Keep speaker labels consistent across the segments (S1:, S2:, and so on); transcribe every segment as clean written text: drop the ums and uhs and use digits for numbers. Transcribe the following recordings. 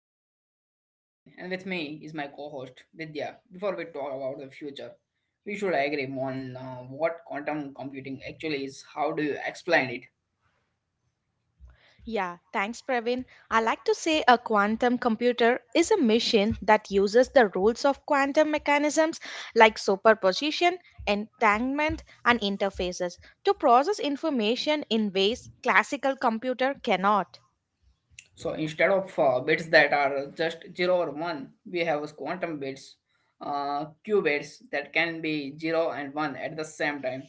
S1: computing. I'm Praveen, and with me is my co-host Vidya. Before we talk about the future, we should agree on what quantum computing actually is. How do you explain it?
S2: Yeah, thanks, Praveen. I like to say a quantum computer is a machine that uses the rules of quantum mechanisms like superposition, entanglement, and interfaces to process information in ways classical computer cannot.
S1: So instead of bits that are just zero or one, we have quantum bits, qubits that can be zero and one at the same time.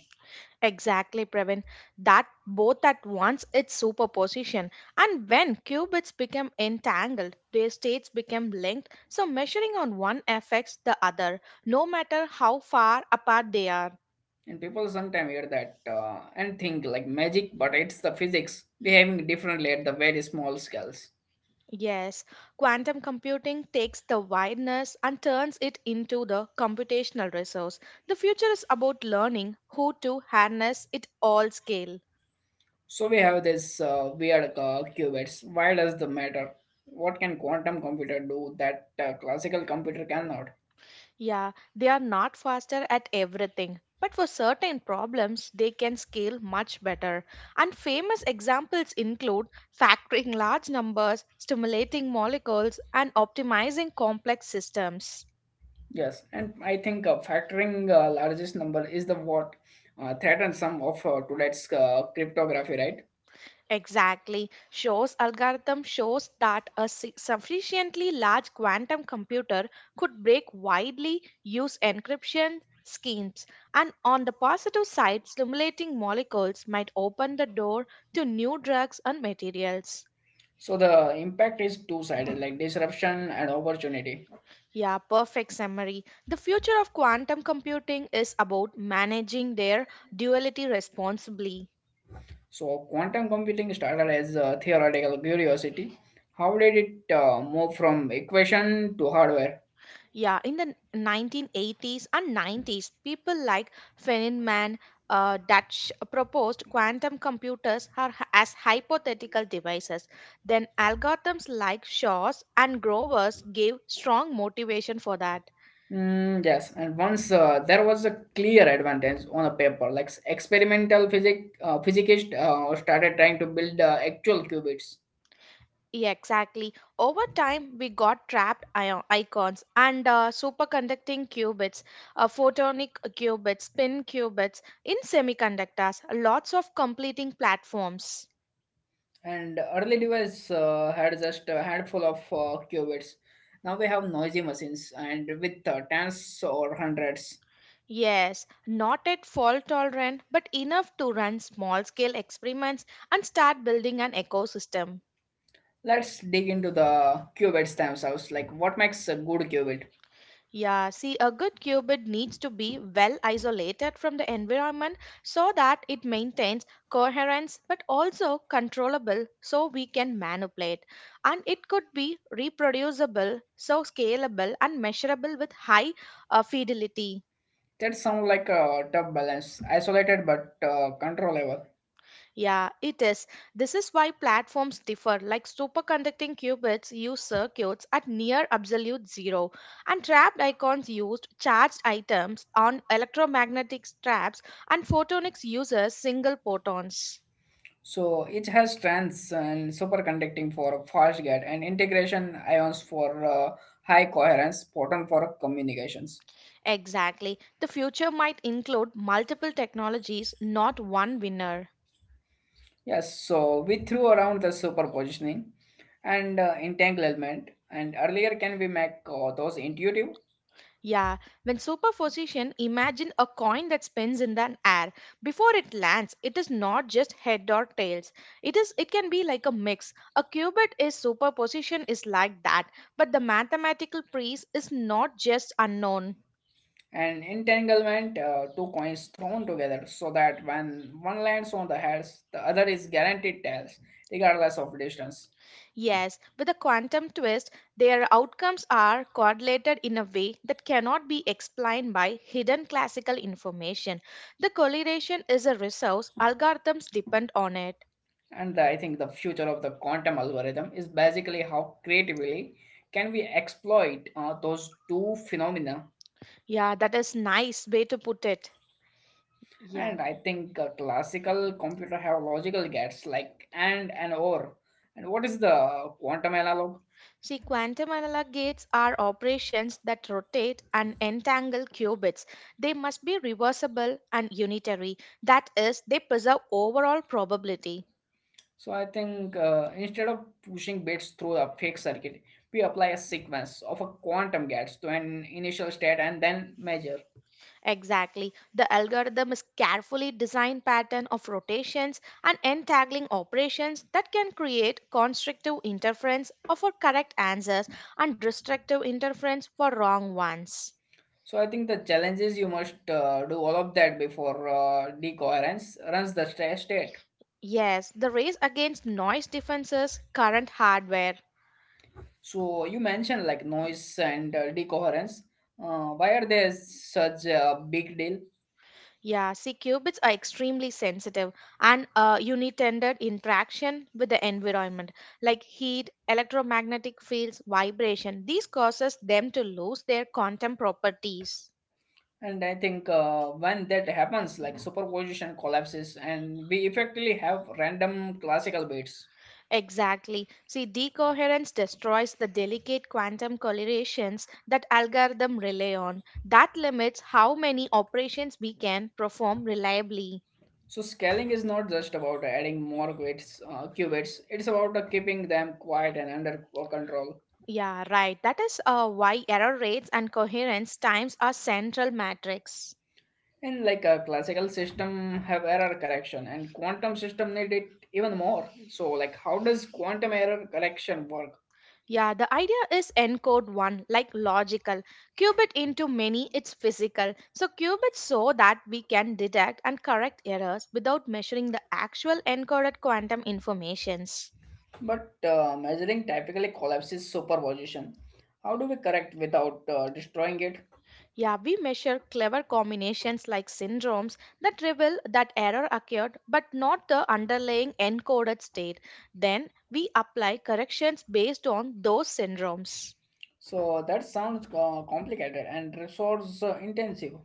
S2: Exactly, Praveen. That both at once its superposition. And when qubits become entangled, their states become linked, so measuring on one affects the other, no matter how far apart they are.
S1: And people sometimes hear that and think like magic, but it's the physics behaving differently at the very small scales.
S2: Yes, quantum computing takes the wideness and turns it into the computational resource. The future is about learning how to harness it all scale.
S1: So we have this weird qubits. Why does the matter? What can quantum computer do that classical computer cannot?
S2: Yeah, they are not faster at everything, but for certain problems, they can scale much better. And famous examples include factoring large numbers, stimulating molecules, and optimizing complex systems.
S1: Yes, and I think factoring largest number is the what threatens some of today's cryptography, right?
S2: Exactly. Show's algorithm shows that a sufficiently large quantum computer could break widely used encryption schemes. And on the positive side, stimulating molecules might open the door to new drugs and materials.
S1: So the impact is two-sided, like disruption and opportunity.
S2: Yeah, perfect summary. The future of quantum computing is about managing their duality responsibly.
S1: So quantum computing started as a theoretical curiosity. How did it move from equation to hardware?
S2: Yeah, in the 1980s and 90s, people like Feynman Dutch proposed quantum computers are, as hypothetical devices. Then algorithms like Shaw's and Grover's gave strong motivation for that.
S1: Yes, and once there was a clear advantage on a paper. Like experimental physicists started trying to build actual qubits,
S2: Yeah, exactly. Over time, we got trapped icons and superconducting qubits, photonic qubits, spin qubits in semiconductors, lots of completing platforms.
S1: and early device had just a handful of qubits. Now we have noisy machines, and with tens or hundreds.
S2: Yes, not at fault tolerant, but enough to run small scale experiments and start building an ecosystem.
S1: Let's dig into the qubits themselves. Like what makes a good qubit?
S2: Yeah, see, a good qubit needs to be well isolated from the environment so that it maintains coherence but also controllable so we can manipulate. And it could be reproducible, so scalable and measurable with high fidelity.
S1: That sounds like a tough balance, isolated but controllable.
S2: Yeah, it is. This is why platforms differ. Like superconducting qubits use circuits at near absolute zero, and trapped icons used charged items on electromagnetic traps, and photonics uses single photons.
S1: So it has trans and superconducting for fast gate and integration ions for high coherence, potent for communications.
S2: Exactly. The future might include multiple technologies, not one winner.
S1: Yes, so we threw around the superpositioning and entanglement, and earlier can we make those intuitive.
S2: Yeah, when superposition, imagine a coin that spins in the air. Before it lands, it is not just head or tails. It can be like a mix. A qubit is superposition is like that, but the mathematical priest is not just unknown.
S1: And entanglement, two coins thrown together so that when one lands on the heads, the other is guaranteed tails regardless of distance.
S2: Yes, with a quantum twist, their outcomes are correlated in a way that cannot be explained by hidden classical information. The correlation is a resource, algorithms depend on it.
S1: I think the future of the quantum algorithm is basically how creatively can we exploit those two phenomena.
S2: Yeah, that is nice way to put it. Yeah.
S1: And I think classical computer have logical gates like and or. And what is the quantum analog?
S2: See, quantum analog gates are operations that rotate and entangle qubits. They must be reversible and unitary. That is, they preserve overall probability.
S1: So I think instead of pushing bits through a fixed circuit, we apply a sequence of a quantum gates to an initial state and then measure.
S2: Exactly. The algorithm is carefully designed pattern of rotations and entangling operations that can create constructive interference for correct answers and restrictive interference for wrong ones.
S1: So I think the challenge is you must do all of that before decoherence runs the state.
S2: Yes, the race against noise defenses current hardware.
S1: So you mentioned like noise and decoherence. Why are they such a big deal?
S2: Yeah, C-qubits are extremely sensitive and unintended interaction with the environment, like heat, electromagnetic fields, vibration. These causes them to lose their quantum properties.
S1: And I think when that happens, like superposition collapses, and we effectively have random classical bits.
S2: Exactly. See, decoherence destroys the delicate quantum correlations that algorithm rely on. That limits how many operations we can perform reliably.
S1: So scaling is not just about adding more qubits. It's about keeping them quiet and under control.
S2: Yeah, right. That is why error rates and coherence times are central metrics.
S1: And like a classical system have error correction, and quantum system need it even more. So, like, how does quantum error correction work?
S2: Yeah, the idea is encode one, like logical. Cube it into many, it's physical. So cube it so that we can detect and correct errors without measuring the actual encoded quantum informations.
S1: But measuring typically collapses superposition. How do we correct without destroying it?
S2: Yeah, we measure clever combinations like syndromes that reveal that error occurred but not the underlying encoded state. Then we apply corrections based on those syndromes.
S1: So that sounds complicated and resource intensive.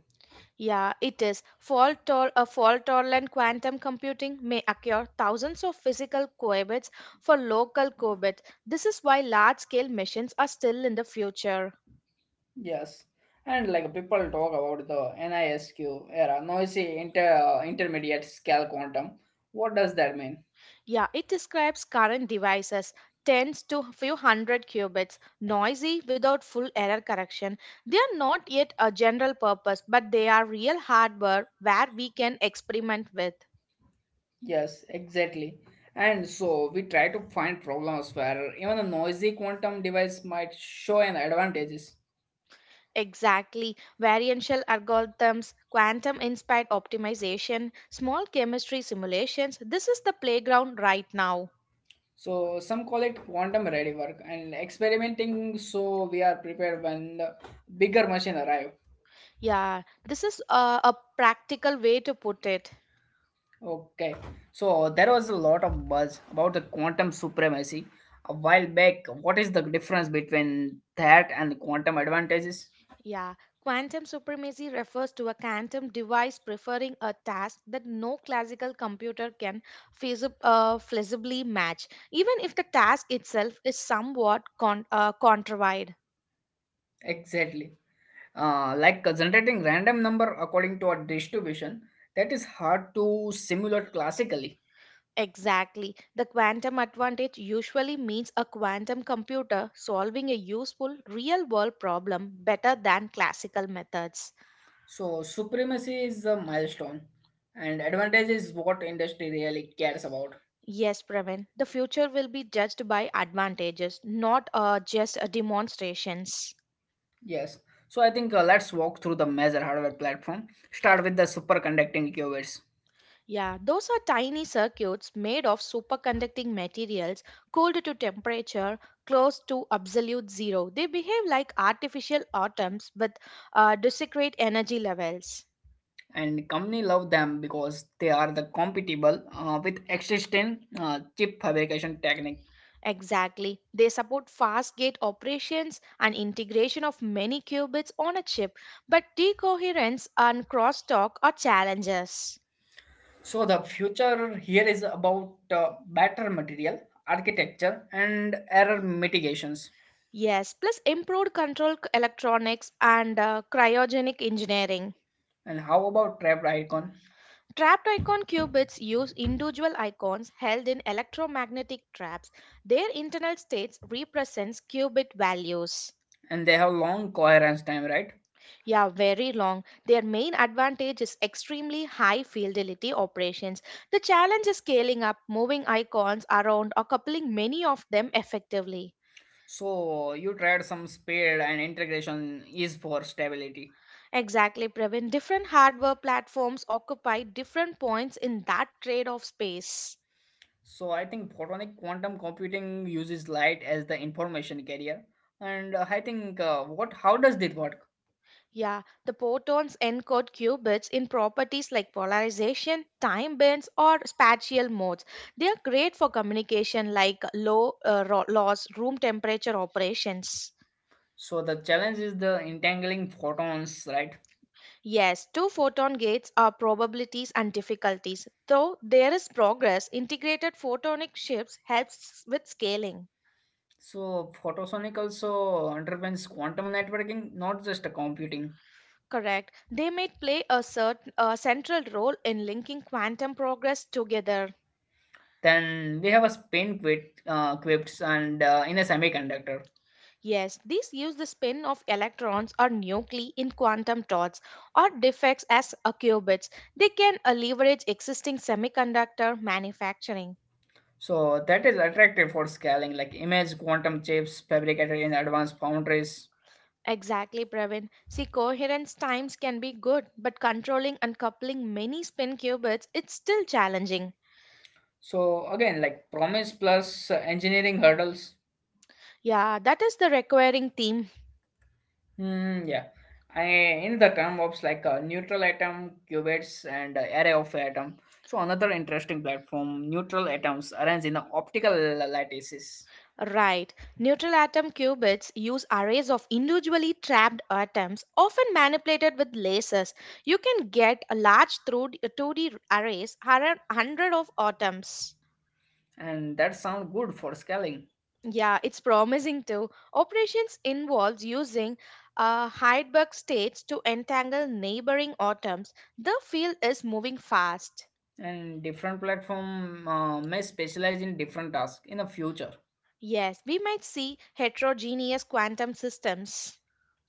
S2: Yeah, it is. Fault or a fault tolerant quantum computing may occur thousands of physical qubits for local qubits. This is why large scale machines are still in the future.
S1: Yes. And like people talk about the NISQ era, noisy intermediate scale quantum. What does that mean?
S2: Yeah, it describes current devices, tens to few hundred qubits, noisy without full error correction. They are not yet a general purpose, but they are real hardware where we can experiment with.
S1: Yes, exactly. And so we try to find problems where even a noisy quantum device might show an advantages.
S2: Exactly. Variantial algorithms, quantum inspired optimization, small chemistry simulations. This is the playground right now.
S1: So some call it quantum ready work and experimenting so we are prepared when the bigger machine arrive.
S2: Yeah, this is a practical way to put it.
S1: Okay. So there was a lot of buzz about the quantum supremacy a while back. What is the difference between that and quantum advantages?
S2: Yeah, quantum supremacy refers to a quantum device preferring a task that no classical computer can feasibly match, even if the task itself is somewhat contrived.
S1: Exactly. Like generating random number according to a distribution that is hard to simulate classically.
S2: Exactly. The quantum advantage usually means a quantum computer solving a useful real world problem better than classical methods.
S1: So supremacy is a milestone and advantage is what industry really cares about.
S2: Yes, Pravin, the future will be judged by advantages, not just demonstrations.
S1: Yes. So I think let's walk through the major hardware platform. Start with the superconducting qubits.
S2: Yeah, those are tiny circuits made of superconducting materials cooled to temperature close to absolute zero. They behave like artificial atoms with discrete energy levels.
S1: And company love them because they are the compatible with existing chip fabrication technique.
S2: Exactly. They support fast gate operations and integration of many qubits on a chip, but decoherence and crosstalk are challenges.
S1: So the future here is about better material architecture and error mitigations.
S2: Yes, plus improved control electronics and cryogenic engineering.
S1: And how about trapped icon?
S2: Trapped icon qubits use individual icons held in electromagnetic traps. Their internal states represents qubit values.
S1: And they have long coherence time, right?
S2: Yeah, very long. Their main advantage is extremely high fidelity operations. The challenge is scaling up, moving icons around, or coupling many of them effectively.
S1: So you tried some speed and integration is for stability.
S2: Exactly, Previn. Different hardware platforms occupy different points in that trade off space.
S1: So I think photonic quantum computing uses light as the information carrier, and I think what how does this work?
S2: Yeah, the protons encode qubits in properties like polarization, time bands, or spatial modes. They are great for communication like low loss, room temperature operations.
S1: So the challenge is the entangling photons, right?
S2: Yes, two photon gates are probabilities and difficulties. Though there is progress, integrated photonic chips helps with scaling.
S1: So photosonic also underpins quantum networking, not just a computing.
S2: Correct. They may play a certain a central role in linking quantum progress together.
S1: Then we have a spin quips and in a semiconductor.
S2: Yes, these use the spin of electrons or nuclei in quantum dots or defects as a qubits. They can leverage existing semiconductor manufacturing.
S1: So that is attractive for scaling, like image quantum chips fabricated in advanced foundries.
S2: Exactly, Pravin. See, coherence times can be good, but controlling and coupling many spin qubits, it's still challenging.
S1: So again, like promise plus engineering hurdles.
S2: Yeah, that is the recurring theme.
S1: Yeah. I, in the term of like a neutral atom, qubits, and array of atom. So another interesting platform, neutral atoms arranged in a optical lattices,
S2: Right. Neutral atom qubits use arrays of individually trapped atoms, often manipulated with lasers. You can get a large through 2 2D arrays around 100 of atoms.
S1: and that sound good for scaling.
S2: Yeah, it's promising too. Operations involves using Heidelberg states to entangle neighboring atoms. The field is moving fast.
S1: And different platform may specialize in different tasks in the future.
S2: Yes, we might see heterogeneous quantum systems.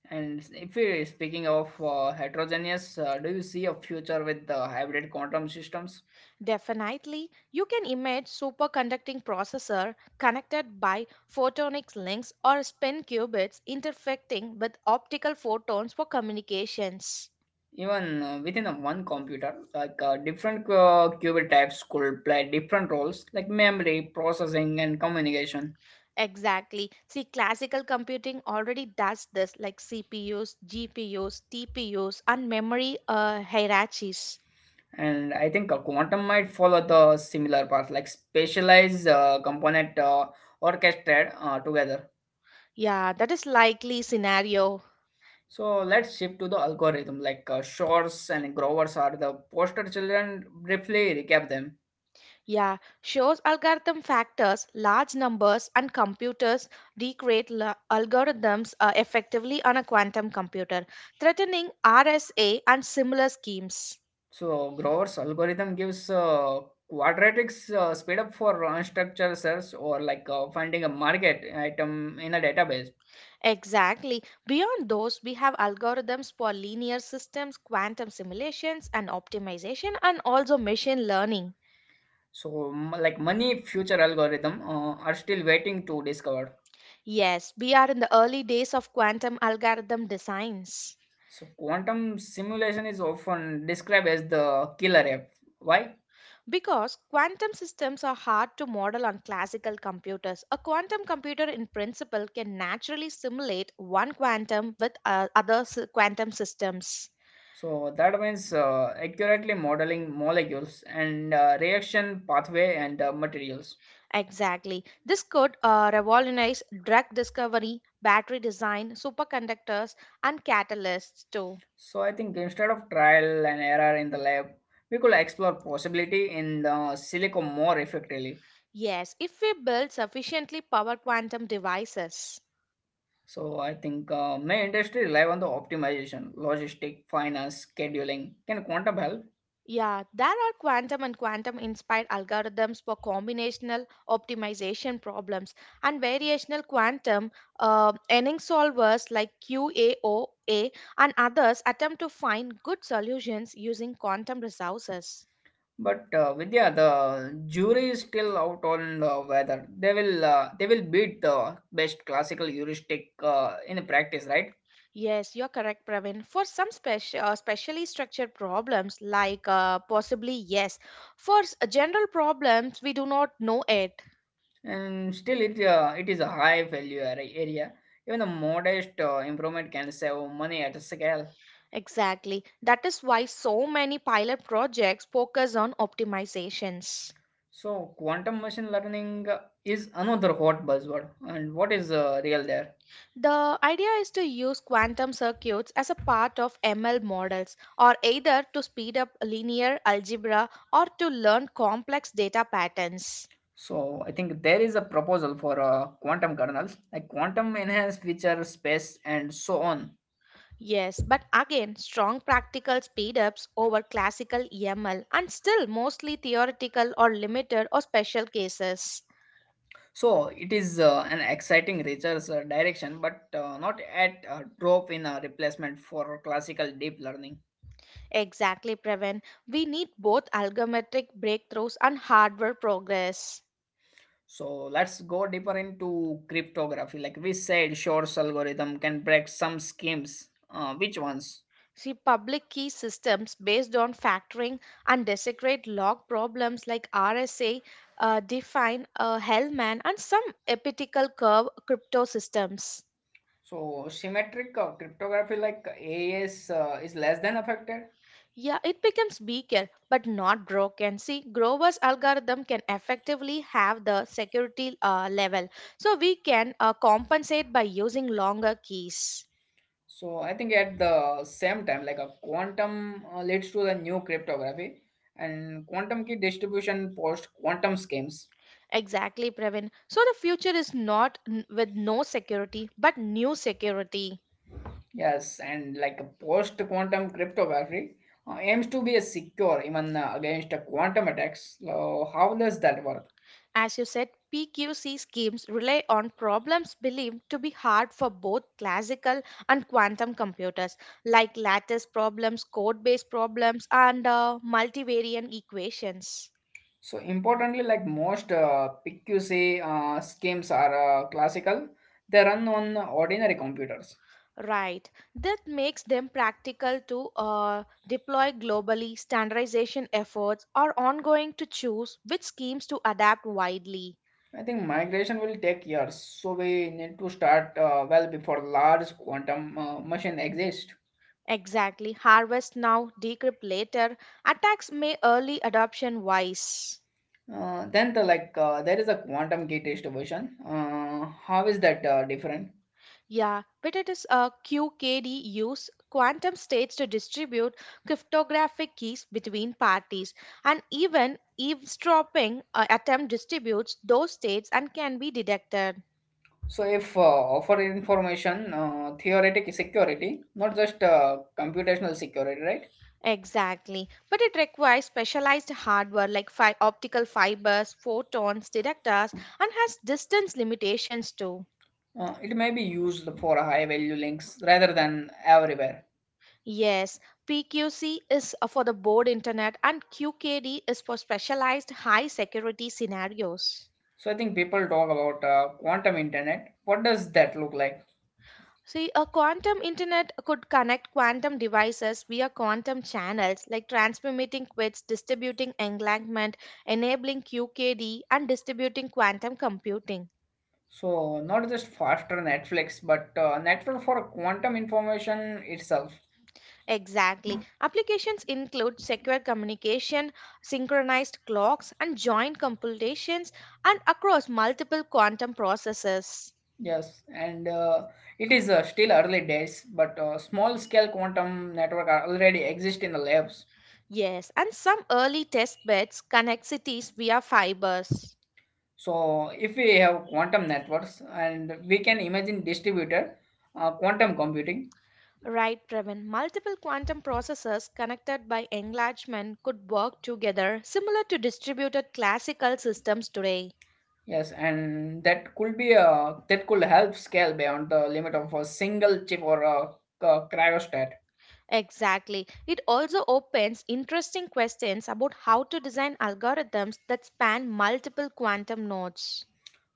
S1: And if we speaking of heterogeneous, do you see a future with the hybrid quantum systems?
S2: Definitely, you can image superconducting processor connected by photonic links or spin qubits interfecting with optical photons for communications.
S1: Even within a one computer, like different qubit types could play different roles like memory processing and communication.
S2: Exactly. See, classical computing already does this, like CPUs, GPUs, TPUs, and memory hierarchies.
S1: And I think a quantum might follow the similar path, like specialized component orchestrated together.
S2: Yeah, that is likely scenario.
S1: So let's shift to the algorithm, like shores and Grover's, are the poster children briefly recap them.
S2: Yeah, shows algorithm factors, large numbers, and computers recreate algorithms effectively on a quantum computer, threatening RSA and similar schemes.
S1: So Grover's algorithm gives quadratics speed up for unstructured search, or like finding a market item in a database.
S2: Exactly. Beyond those, we have algorithms for linear systems, quantum simulations, and optimization, and also machine learning.
S1: So like many future algorithm are still waiting to discover.
S2: Yes, we are in the early days of quantum algorithm designs.
S1: So quantum simulation is often described as the killer app. Why?
S2: Because quantum systems are hard to model on classical computers. A quantum computer, in principle, can naturally simulate one quantum with quantum systems.
S1: So that means accurately modeling molecules and reaction pathway and materials.
S2: Exactly. This could revolutionize drug discovery, battery design, superconductors, and catalysts, too.
S1: So I think instead of trial and error in the lab, we could explore possibility in the silico more effectively.
S2: Yes, if we build sufficiently powered quantum devices.
S1: So I think my industry rely on the optimization, logistic, finance, scheduling. Can quantum help?
S2: Yeah, there are quantum and quantum inspired algorithms for combinational optimization problems and variational quantum Enning solvers like QAOA and others attempt to find good solutions using quantum resources.
S1: But Vidya, the jury is still out on the whether they will beat the best classical heuristic in practice, right?
S2: Yes, you're correct, Pravin. For some specially structured problems, like possibly yes. For general problems, we do not know it.
S1: And still, it is a high value area. Even a modest improvement can save money at a scale.
S2: Exactly. That is why so many pilot projects focus on optimizations.
S1: So, quantum machine learning is another hot buzzword. And what is real there?
S2: The idea is to use quantum circuits as a part of ML models, or either to speed up linear algebra or to learn complex data patterns.
S1: So, I think there is a proposal for quantum kernels, like quantum enhanced feature space, and so on.
S2: Yes, but again, strong practical speedups over classical EML and still mostly theoretical or limited or special cases.
S1: So, it is an exciting research direction, but not at a drop in a replacement for classical deep learning.
S2: Exactly, Prevent. We need both algorithmic breakthroughs and hardware progress.
S1: So, let's go deeper into cryptography. Like we said, Shor's algorithm can break some schemes. Which ones?
S2: See, public key systems based on factoring and desecrate log problems like RSA define a Hellman and some epitical curve crypto systems.
S1: So symmetric cryptography like AES is less than affected.
S2: Yeah, it becomes weaker but not broken. See, Grover's algorithm can effectively have the security level, so we can compensate by using longer keys.
S1: So I think at the same time, like a quantum leads to the new cryptography and quantum key distribution post quantum schemes.
S2: Exactly, Pravin. So the future is not n- with no security, but new security.
S1: Yes, and like a post quantum cryptography aims to be a secure even against quantum attacks. So how does that work?
S2: As you said, PQC schemes rely on problems believed to be hard for both classical and quantum computers, like lattice problems, code based problems, and multivariant equations.
S1: So importantly, like most PQC schemes are classical, they run on ordinary computers.
S2: Right. That makes them practical to deploy globally. Standardization efforts are ongoing to choose which schemes to adapt widely.
S1: I think migration will take years, so we need to start well before large quantum machine exist.
S2: Exactly. Harvest now, decrypt later. Attacks may early adoption wise.
S1: Then the like there is a quantum key test version. How is that different?
S2: Yeah, but it is a QKD use quantum states to distribute cryptographic keys between parties, and even eavesdropping attempt distributes those states and can be detected.
S1: So if offer information theoretic security, not just computational security, right?
S2: Exactly, but it requires specialized hardware like optical fibers, photons, detectors, and has distance limitations too.
S1: It may be used for high value links rather than everywhere.
S2: Yes, PQC is for the board internet and QKD is for specialized high security scenarios.
S1: So I think people talk about quantum internet. What does that look like?
S2: See, a quantum internet could connect quantum devices via quantum channels like transmitting qubits, distributing entanglement, enabling QKD, and distributing quantum computing.
S1: So, not just faster Netflix, but network for quantum information itself.
S2: Exactly. Applications include secure communication, synchronized clocks, and joint computations, and across multiple quantum processes.
S1: Yes, and it is still early days, but small scale quantum network are already exist in the labs.
S2: Yes, and some early test beds connect cities via fibers.
S1: So, if we have quantum networks, and we can imagine distributed quantum computing.
S2: Right, Trevin. Multiple quantum processors connected by enlargement could work together, similar to distributed classical systems today.
S1: Yes, and that could be that could help scale beyond the limit of a single chip or a cryostat.
S2: Exactly. It also opens interesting questions about how to design algorithms that span multiple quantum nodes.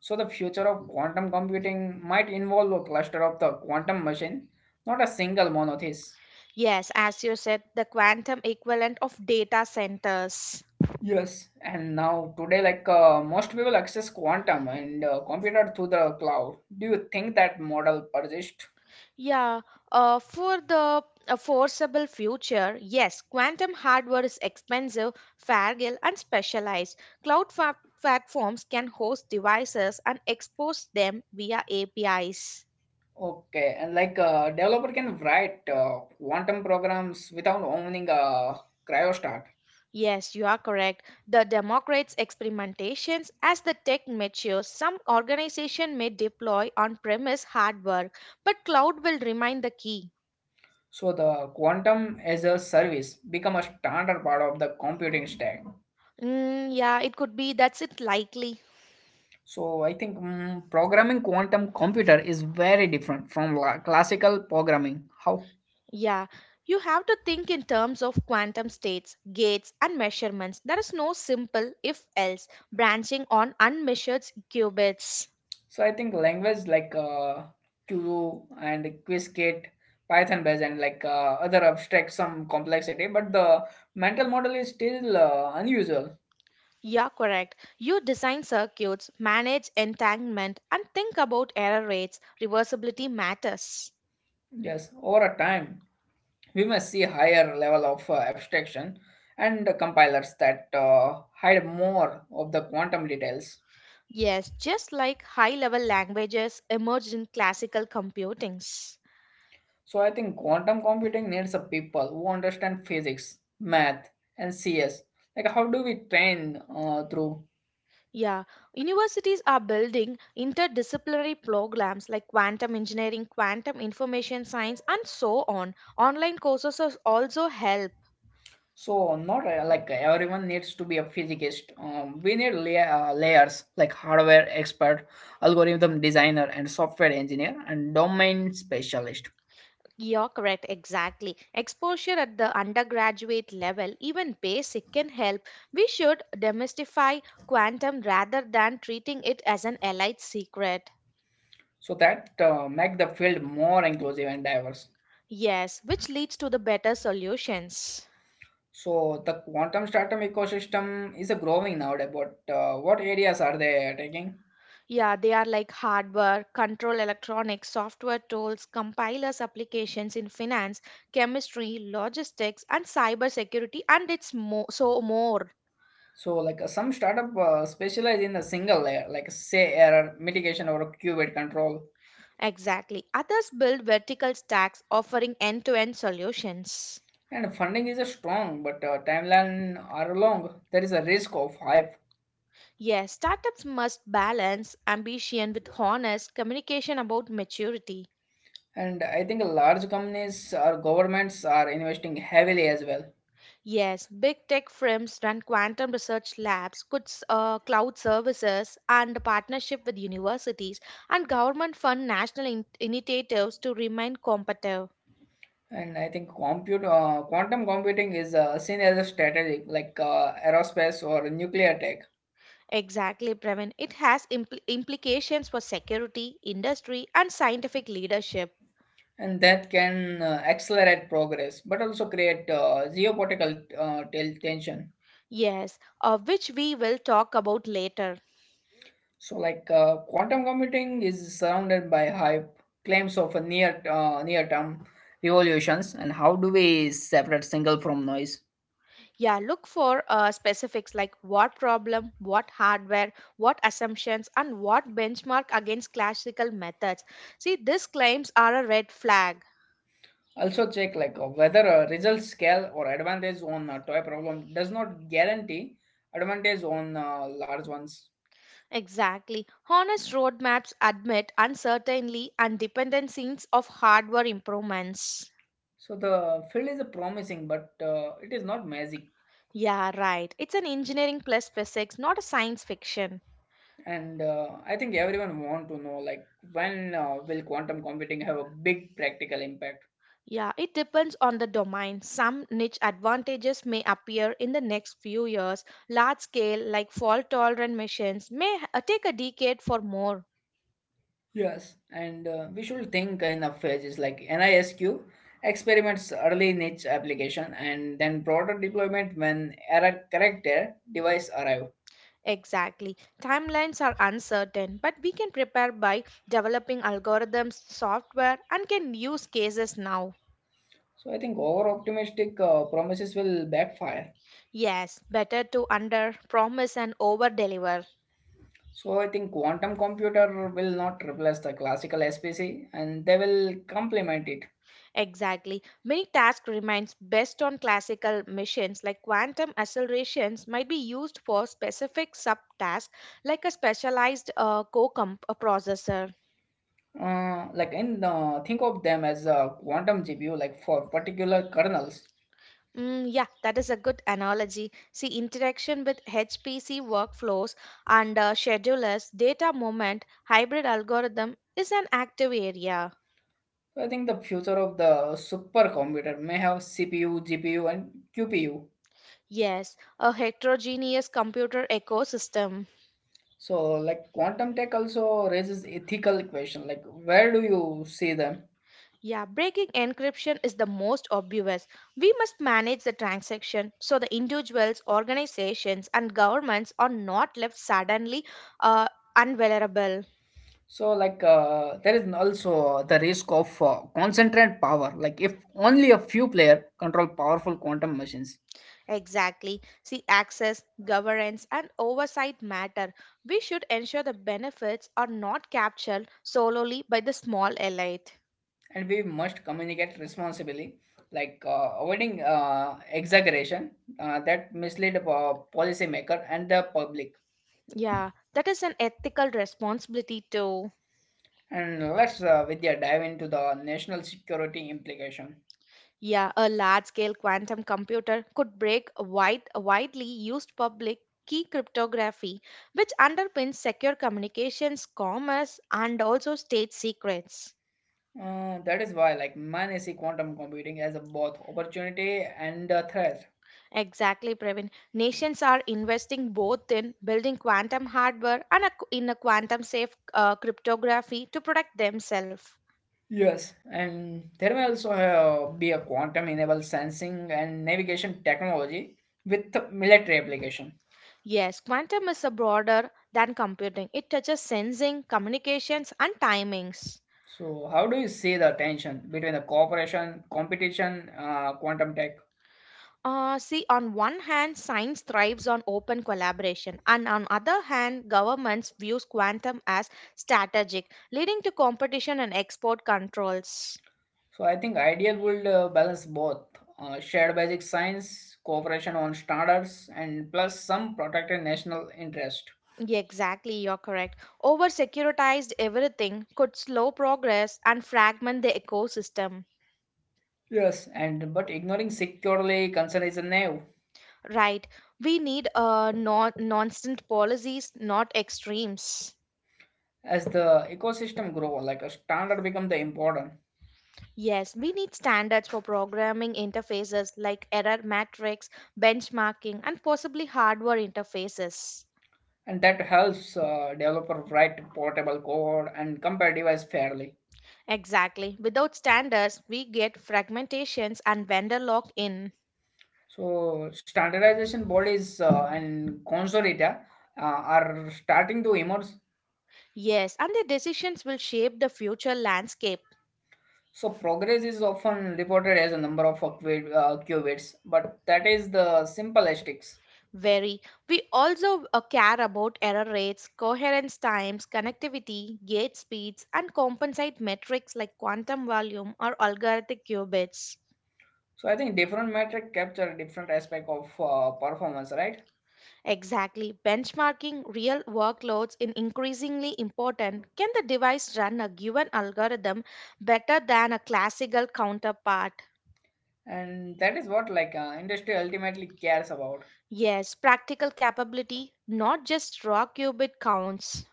S1: So the future of quantum computing might involve a cluster of the quantum machine, not a single monolith.
S2: Yes, as you said, the quantum equivalent of data centers.
S1: Yes, and now today, like most people access quantum and computer through the cloud. Do you think that model persists?
S2: Yeah, for the foreseeable future, yes, quantum hardware is expensive, fragile, and specialized. Cloud fa- Platforms can host devices and expose them via APIs.
S1: Okay, and like developer can write quantum programs without owning a cryostat.
S2: Yes, you are correct. The democrates experimentations as the tech matures, some organization may deploy on-premise hardware, but cloud will remain the key.
S1: So the quantum as a service become a standard part of the computing stack.
S2: Yeah, it could be that's it likely.
S1: So I think programming quantum computer is very different from classical programming. How?
S2: Yeah, you have to think in terms of quantum states, gates, and measurements. There is no simple if else branching on unmeasured qubits.
S1: So I think language like Q and Qiskit, Python based and like other abstract some complexity, but the mental model is still unusual.
S2: Yeah, correct. You design circuits, manage entanglement, and think about error rates. Reversibility matters.
S1: Yes, over a time we must see higher level of abstraction and compilers that hide more of the quantum details.
S2: Yes, just like high level languages emerged in classical computings.
S1: So I think quantum computing needs a people who understand physics, math, and CS. Like how do we train through?
S2: Yeah, universities are building interdisciplinary programs like quantum engineering, quantum information science, and so on. Online courses are also help.
S1: So not like everyone needs to be a physicist. We need layers like hardware expert, algorithm designer, and software engineer, and domain specialist.
S2: You're correct, exactly. Exposure at the undergraduate level, even basic, can help. We should demystify quantum rather than treating it as an elite secret.
S1: So that make the field more inclusive and diverse.
S2: Yes, which leads to the better solutions.
S1: So the quantum startup ecosystem is a growing nowadays. But what areas are they taking?
S2: Yeah, they are like hardware, control electronics, software tools, compilers, applications in finance, chemistry, logistics, and cybersecurity, and so more.
S1: So, some startup specialize in a single layer, like say error mitigation or qubit control.
S2: Exactly. Others build vertical stacks offering end to end solutions.
S1: And funding is a strong, but timeline are long. There is a risk of hype,
S2: Yes, startups must balance ambition with honest communication about maturity.
S1: and I think large companies or governments are investing heavily as well.
S2: Yes, big tech firms run quantum research labs, cloud services, and partnership with universities and government fund national initiatives to remain competitive.
S1: And I think compute quantum computing is seen as a strategic, like aerospace or nuclear tech,
S2: Exactly, Pravin. It has implications for security, industry, and scientific leadership.
S1: and that can accelerate progress, but also create geopolitical tension.
S2: Yes, which we will talk about later.
S1: So, quantum computing is surrounded by hype, claims of a near-term revolutions, and how do we separate single from noise?
S2: Yeah, look for specifics like what problem, what hardware, what assumptions, and what benchmark against classical methods. See, these claims are a red flag.
S1: Also, check whether a result scale or advantage on a toy problem does not guarantee advantage on large ones.
S2: Exactly. Honest roadmaps admit uncertainty and dependencies of hardware improvements.
S1: So the field is promising, but it is not magic.
S2: Yeah, right. It's an engineering plus physics, not a science fiction.
S1: And I think everyone want to know like when will quantum computing have a big practical impact?
S2: Yeah, it depends on the domain. Some niche advantages may appear in the next few years. Large scale, like fault tolerant machines, may take a decade for more.
S1: Yes, and we should think in a phases like NISQ experiments early niche application and then broader deployment when error corrected device arrive.
S2: Exactly. Timelines are uncertain, but we can prepare by developing algorithms, software, and can use cases now.
S1: So I think over optimistic promises will backfire.
S2: Yes, better to under promise and over deliver.
S1: So I think quantum computer will not replace the classical SPC and they will complement it.
S2: Exactly. Many tasks remains based on classical machines like quantum accelerations might be used for specific subtasks like a specialized co-comp processor.
S1: Like in think of them as a quantum GPU like for particular kernels.
S2: Yeah, that is a good analogy. See, interaction with HPC workflows and schedulers, data movement, hybrid algorithm is an active area.
S1: So, I think the future of the supercomputer may have CPU, GPU, and QPU.
S2: Yes, a heterogeneous computer ecosystem.
S1: So, like quantum tech also raises ethical question. Like, where do you see them?
S2: Yeah, breaking encryption is the most obvious. We must manage the transaction so the individuals, organizations, and governments are not left suddenly uh, unvulnerable.
S1: So, there is also the risk of concentrate power. Like, if only a few player control powerful quantum machines,
S2: Exactly. See, access, governance, and oversight matter. We should ensure the benefits are not captured solely by the small elite.
S1: and we must communicate responsibly, like avoiding exaggeration that mislead policymaker and the public.
S2: Yeah, that is an ethical responsibility too.
S1: And let's Vidya dive into the national security implication.
S2: Yeah, a large-scale quantum computer could break widely used public key cryptography, which underpins secure communications, commerce, and also state secrets.
S1: That is why, like, man, I see quantum computing as a both opportunity and a threat.
S2: Exactly, Praveen. Nations are investing both in building quantum hardware and a, in a quantum-safe cryptography to protect themselves.
S1: Yes, and there may also be a quantum-enabled sensing and navigation technology with military application.
S2: Yes, quantum is a broader than computing. It touches sensing, communications, and timings.
S1: So, how do you see the tension between the cooperation, competition, quantum tech?
S2: See, on one hand, science thrives on open collaboration, and on other hand, governments views quantum as strategic, leading to competition and export controls.
S1: So I think ideal would balance both shared basic science, cooperation on standards, and plus some protected national interest.
S2: Yeah, exactly, you're correct. Over securitized everything could slow progress and fragment the ecosystem.
S1: Yes, and but ignoring securely concern is a naive.
S2: Right. We need nonsense policies, not extremes.
S1: As the ecosystem grow, like a standard become the important,
S2: Yes, we need standards for programming interfaces like error matrix, benchmarking, and possibly hardware interfaces.
S1: and that helps developer write portable code and compare device fairly.
S2: Exactly. Without standards, we get fragmentations and vendor lock in.
S1: So standardization bodies and consortia are starting to emerge.
S2: Yes, and the decisions will shape the future landscape.
S1: So progress is often reported as a number of qubits, but that is the simplestics.
S2: Very. We also care about error rates, coherence times, connectivity, gate speeds, and compensate metrics like quantum volume or algorithmic qubits.
S1: So I think different metric capture different aspect of performance, right?
S2: Exactly. Benchmarking real workloads is increasingly important. Can the device run a given algorithm better than a classical counterpart?
S1: And that is what like industry ultimately cares about.
S2: Yes, practical capability, not just raw qubit counts.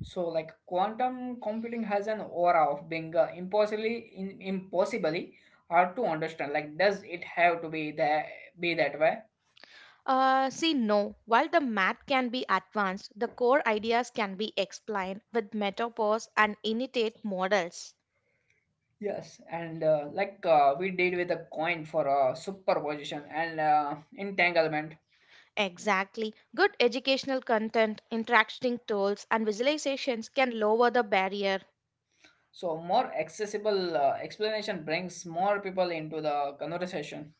S1: So like quantum computing has an aura of being impossibly hard to understand. Like does it have to be that way?
S2: See, no. While the math can be advanced, the core ideas can be explained with metapause and initiate models.
S1: Yes, and like we did with a coin for superposition and entanglement.
S2: Exactly. Good educational content, interacting tools, and visualizations can lower the barrier.
S1: So more accessible explanation brings more people into the conversation.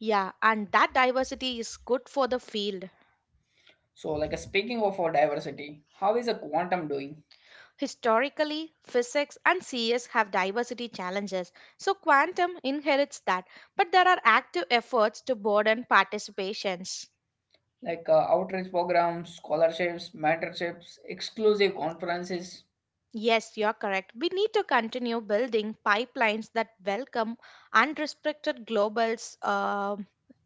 S2: Yeah, and that diversity is good for the field.
S1: So like speaking of our diversity, how is a quantum doing?
S2: Historically, physics and CS have diversity challenges, so quantum inherits that, but there are active efforts to broaden participations.
S1: Like outreach programs, scholarships, mentorships, exclusive conferences.
S2: Yes, you're correct. We need to continue building pipelines that welcome unrestricted globals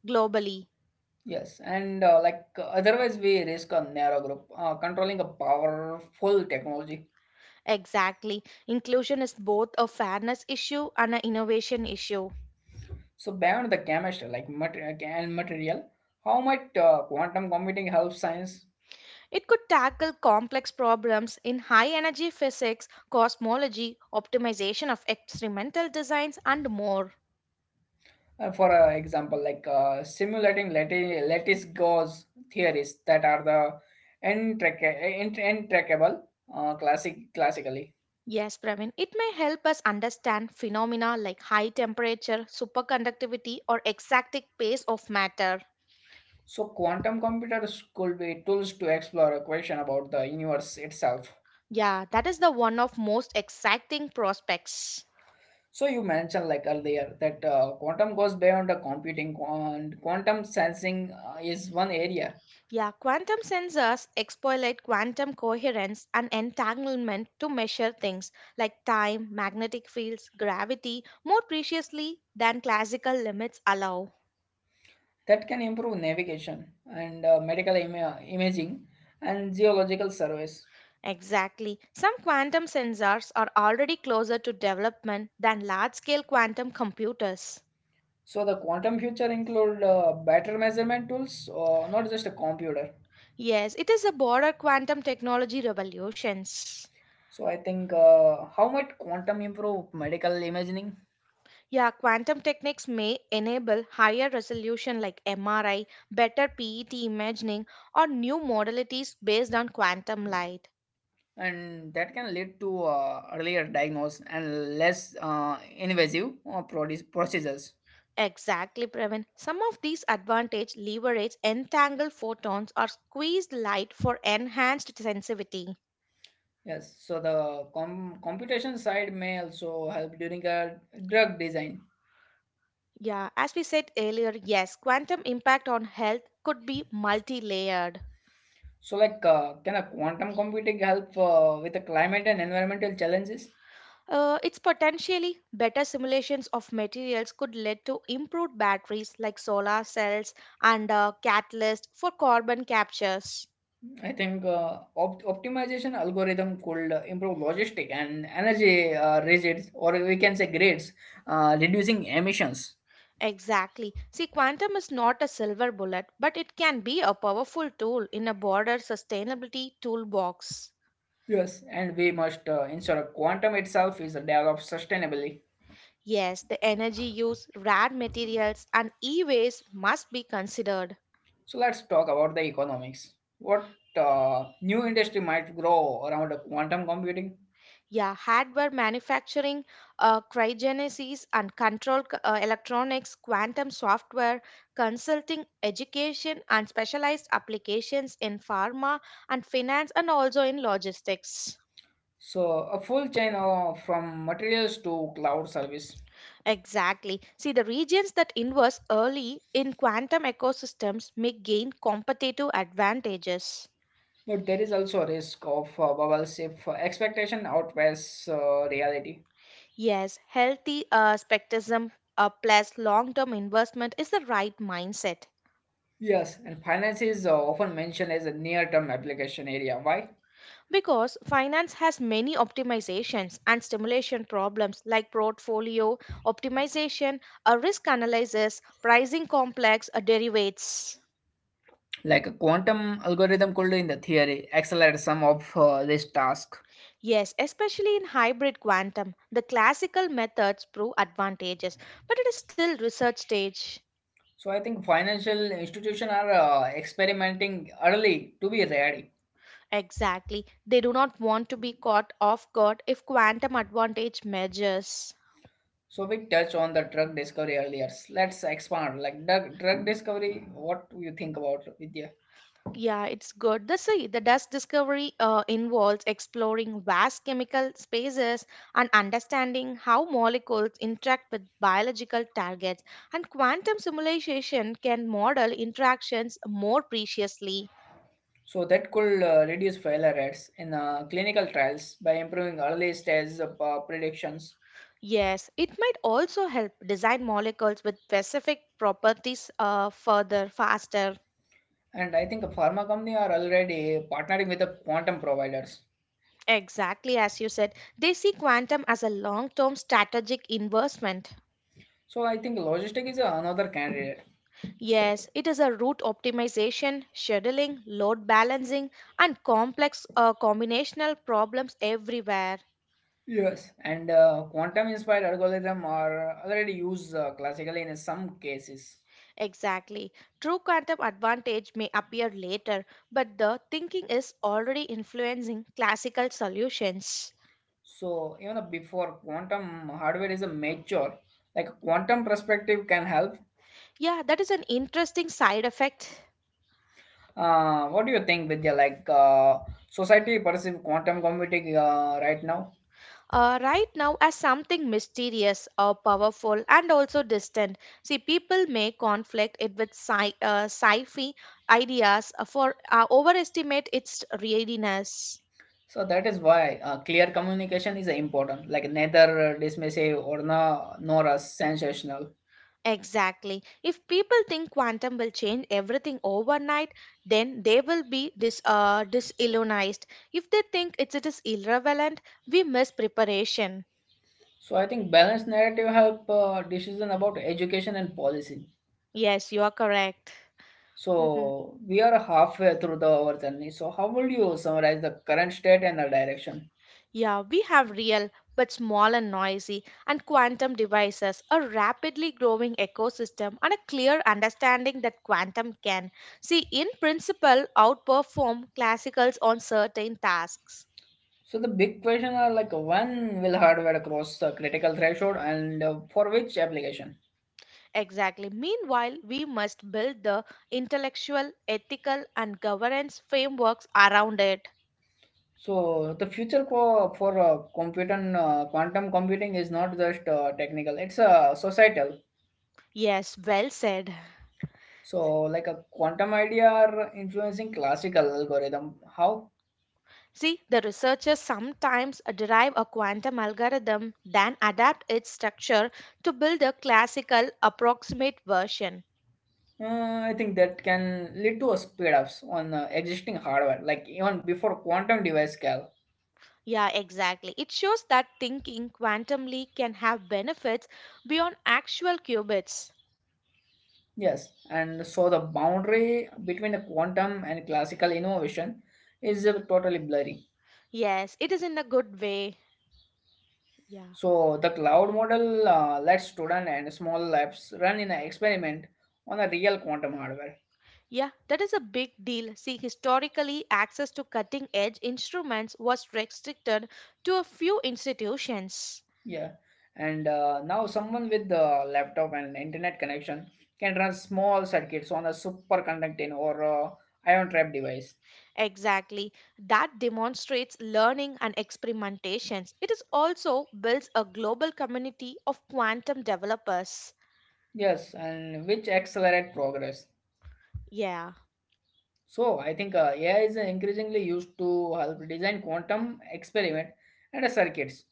S2: globally.
S1: Yes, and like otherwise we risk a narrow group controlling a powerful technology.
S2: Exactly. Inclusion is both a fairness issue and an innovation issue.
S1: So beyond the chemistry, like mater- and material, how might quantum computing help science?
S2: It could tackle complex problems in high energy physics, cosmology, optimization of experimental designs, and more.
S1: For example, simulating lattice gauge theories that are the intractable classically.
S2: Yes, Pravin, it may help us understand phenomena like high temperature, superconductivity, or exact pace of matter.
S1: So quantum computers could be tools to explore a question about the universe itself.
S2: Yeah, that is the one of most exciting prospects.
S1: So you mentioned like earlier that quantum goes beyond the computing and quantum sensing is one area
S2: Yeah, quantum sensors exploit quantum coherence and entanglement to measure things like time, magnetic fields, gravity more preciously than classical limits allow.
S1: that can improve navigation and medical imaging and geological surveys.
S2: Exactly. Some quantum sensors are already closer to development than large scale quantum computers.
S1: So the quantum future include better measurement tools, not just a computer.
S2: Yes, it is a broader quantum technology revolutions.
S1: So I think how might quantum improve medical imaging,
S2: Yeah, quantum techniques may enable higher resolution like MRI, better PET imaging, or new modalities based on quantum light.
S1: and that can lead to earlier diagnosis and less invasive procedures.
S2: Exactly, Pravin. Some of these advantage leverage entangled photons or squeezed light for enhanced sensitivity.
S1: Yes. So the computation side may also help during a drug design.
S2: Yeah, as we said earlier, yes, quantum impact on health could be multi layered.
S1: So like can a quantum computing help with the climate and environmental challenges?
S2: It's potentially better simulations of materials could lead to improved batteries like solar cells and a catalyst for carbon captures.
S1: I think optimization algorithm could improve logistic and energy resids, or we can say grades, reducing emissions.
S2: Exactly. See, quantum is not a silver bullet, but it can be a powerful tool in a broader sustainability toolbox.
S1: Yes, and we must ensure quantum itself is developed sustainably.
S2: Yes, the energy use, rare materials, and e waste must be considered.
S1: So let's talk about the economics. What new industry might grow around the quantum computing?
S2: Yeah, hardware manufacturing, cryogenesis and control electronics, quantum software, consulting, education, and specialized applications in pharma and finance, and also in logistics.
S1: So a full chain of, from materials to cloud service.
S2: Exactly. See, the regions that invest early in quantum ecosystems may gain competitive advantages.
S1: But there is also a risk of bubbles if expectation outweighs reality.
S2: Yes, healthy spectrum plus long term investment is the right mindset.
S1: Yes, and finance is often mentioned as a near-term application area. Why?
S2: Because finance has many optimizations and stimulation problems like portfolio optimization, a risk analysis, pricing complex derivatives.
S1: Like a quantum algorithm could, in the theory, accelerate some of this task.
S2: Yes, especially in hybrid quantum, the classical methods prove advantages, but it is still research stage.
S1: So I think financial institutions are experimenting early to be ready.
S2: Exactly. They do not want to be caught off guard if quantum advantage measures.
S1: So we touched on the drug discovery earlier. Let's expand. Like drug discovery, what do you think about Vidya?
S2: Yeah, it's good. The sea, the dust discovery involves exploring vast chemical spaces and understanding how molecules interact with biological targets. And quantum simulation can model interactions more preciously.
S1: So that could reduce failure rates in clinical trials by improving early stage of predictions.
S2: Yes, it might also help design molecules with specific properties further, faster.
S1: And I think pharma company are already partnering with the quantum providers.
S2: Exactly as you said, they see quantum as a long term strategic investment.
S1: So I think logistic is another candidate.
S2: Yes, it is a route optimization, scheduling, load balancing, and complex combinational problems everywhere.
S1: Yes, and quantum inspired algorithm are already used classically in some cases.
S2: Exactly. True quantum advantage may appear later, but the thinking is already influencing classical solutions.
S1: So even before quantum hardware is a mature, like quantum perspective can help.
S2: Yeah, that is an interesting side effect.
S1: What do you think, Vidya? Like society perceive quantum computing right now?
S2: Right now as something mysterious or powerful and also distant. See, people may conflict it with sci-fi ideas for overestimate its readiness.
S1: So that is why clear communication is important, like neither dismissive or no, nor a sensational.
S2: Exactly. If people think quantum will change everything overnight, then they will be disillusionized. If they think it is irrelevant, we miss preparation.
S1: So I think balanced narrative help decision about education and policy.
S2: Yes, you are correct. Mhm.
S1: So we are halfway through the our journey. So how would you summarize the current state and the direction?
S2: Yeah, we have real but small and noisy and quantum devices, a rapidly growing ecosystem, and a clear understanding that quantum can, see, in principle, outperform classicals on certain tasks.
S1: So the big question are like when will hardware cross the critical threshold and for which application?
S2: Exactly. Meanwhile, we must build the intellectual, ethical, and governance frameworks around it.
S1: So the future co- for computer quantum computing is not just technical; it's a societal.
S2: Yes, well said.
S1: So, like a quantum idea are influencing classical algorithm, how
S2: See, the researchers sometimes derive a quantum algorithm, then adapt its structure to build a classical approximate version.
S1: uh, I think that can lead to a speed ups on existing hardware, like even before quantum device scale.
S2: Yeah, exactly. It shows that thinking quantumly can have benefits beyond actual qubits.
S1: Yes, and so the boundary between the quantum and classical innovation is totally blurry.
S2: Yes, it is in a good way. Yeah.
S1: So the cloud model lets student and small labs run in an experiment on a real quantum hardware.
S2: Yeah, that is a big deal. See, historically, access to cutting edge instruments was restricted to a few institutions.
S1: Yeah, and now someone with the laptop and internet connection can run small circuits on a superconducting or ion trap device.
S2: Exactly. That demonstrates learning and experimentations. It is also builds a global community of quantum developers.
S1: Yes, and which accelerate progress.
S2: Yeah.
S1: So I think AI is increasingly used to help design quantum experiment and circuits.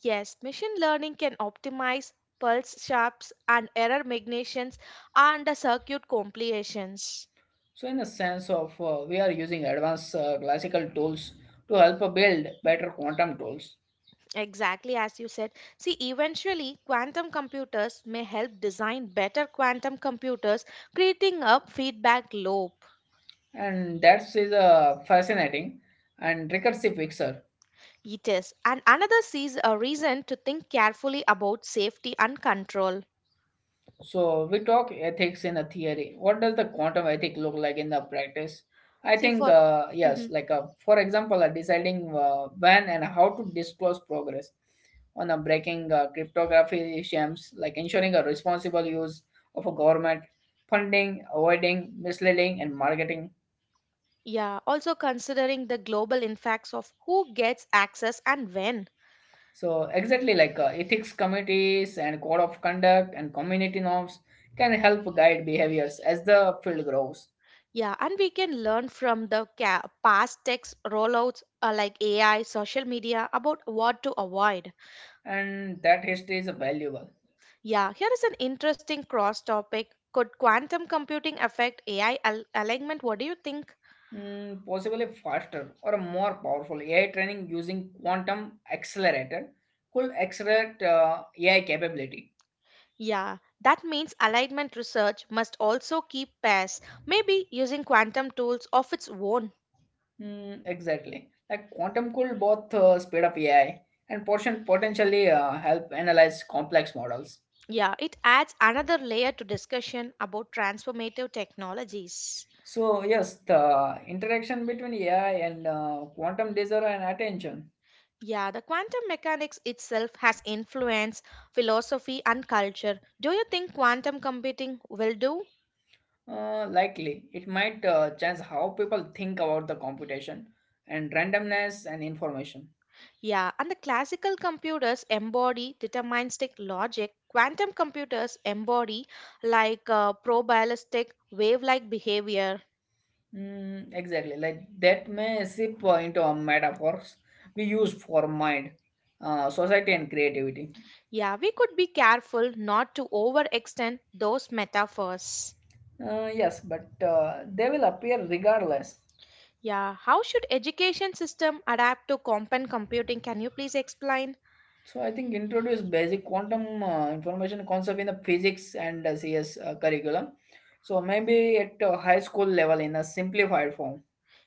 S2: Yes, machine learning can optimize pulse shapes and error magnifications and the circuit complications.
S1: So in a sense of we are using advanced classical tools to help build better quantum tools,
S2: Exactly as you said. See, eventually, quantum computers may help design better quantum computers, creating a feedback loop.
S1: and that is fascinating and recursive picture.
S2: It is. And another sees a reason to think carefully about safety and control.
S1: So we talk ethics in a theory. What does the quantum ethic look like in the practice? I
S2: See,
S1: think
S2: for.
S1: yes,
S2: Mhm.
S1: like, for example, deciding when and how to disclose progress on a breaking cryptography schemes, like ensuring a responsible use of a government funding, avoiding misleading and marketing.
S2: Yeah, also considering the global impacts of who gets access and when.
S1: So exactly like ethics committees and code of conduct and community norms can help guide behaviors as the field grows,
S2: Yeah, and we can learn from the past text rollouts like AI, social media about what to avoid.
S1: and that history is valuable.
S2: Yeah, here is an interesting cross topic. Could quantum computing affect AI alignment? What do you think?
S1: Mm, possibly faster or more powerful AI training using quantum accelerator could accelerate AI capability.
S2: Yeah, that means alignment research must also keep pace, maybe using quantum tools of its own.
S1: Mm, exactly. Like quantum could both speed up AI and portion potentially help analyze complex models.
S2: Yeah, it adds another layer to discussion about transformative technologies.
S1: So yes, the interaction between AI and quantum desire and attention
S2: Yeah, the quantum mechanics itself has influenced philosophy and culture. Do you think quantum computing will do?
S1: likely it might change how people think about the computation and randomness and information.
S2: Yeah, and the classical computers embody deterministic logic. Quantum computers embody like probabilistic wave like behavior.
S1: Mm, exactly, like that massive point or metaphors we use for mind, society, and creativity.
S2: Yeah, we could be careful not to overextend those metaphors.
S1: Yes, but they will appear regardless.
S2: Yeah, how should education system adapt to quantum computing? Can you please explain?
S1: So I think introduce basic quantum information concept in the physics and CS curriculum. So maybe at high school level in a simplified form.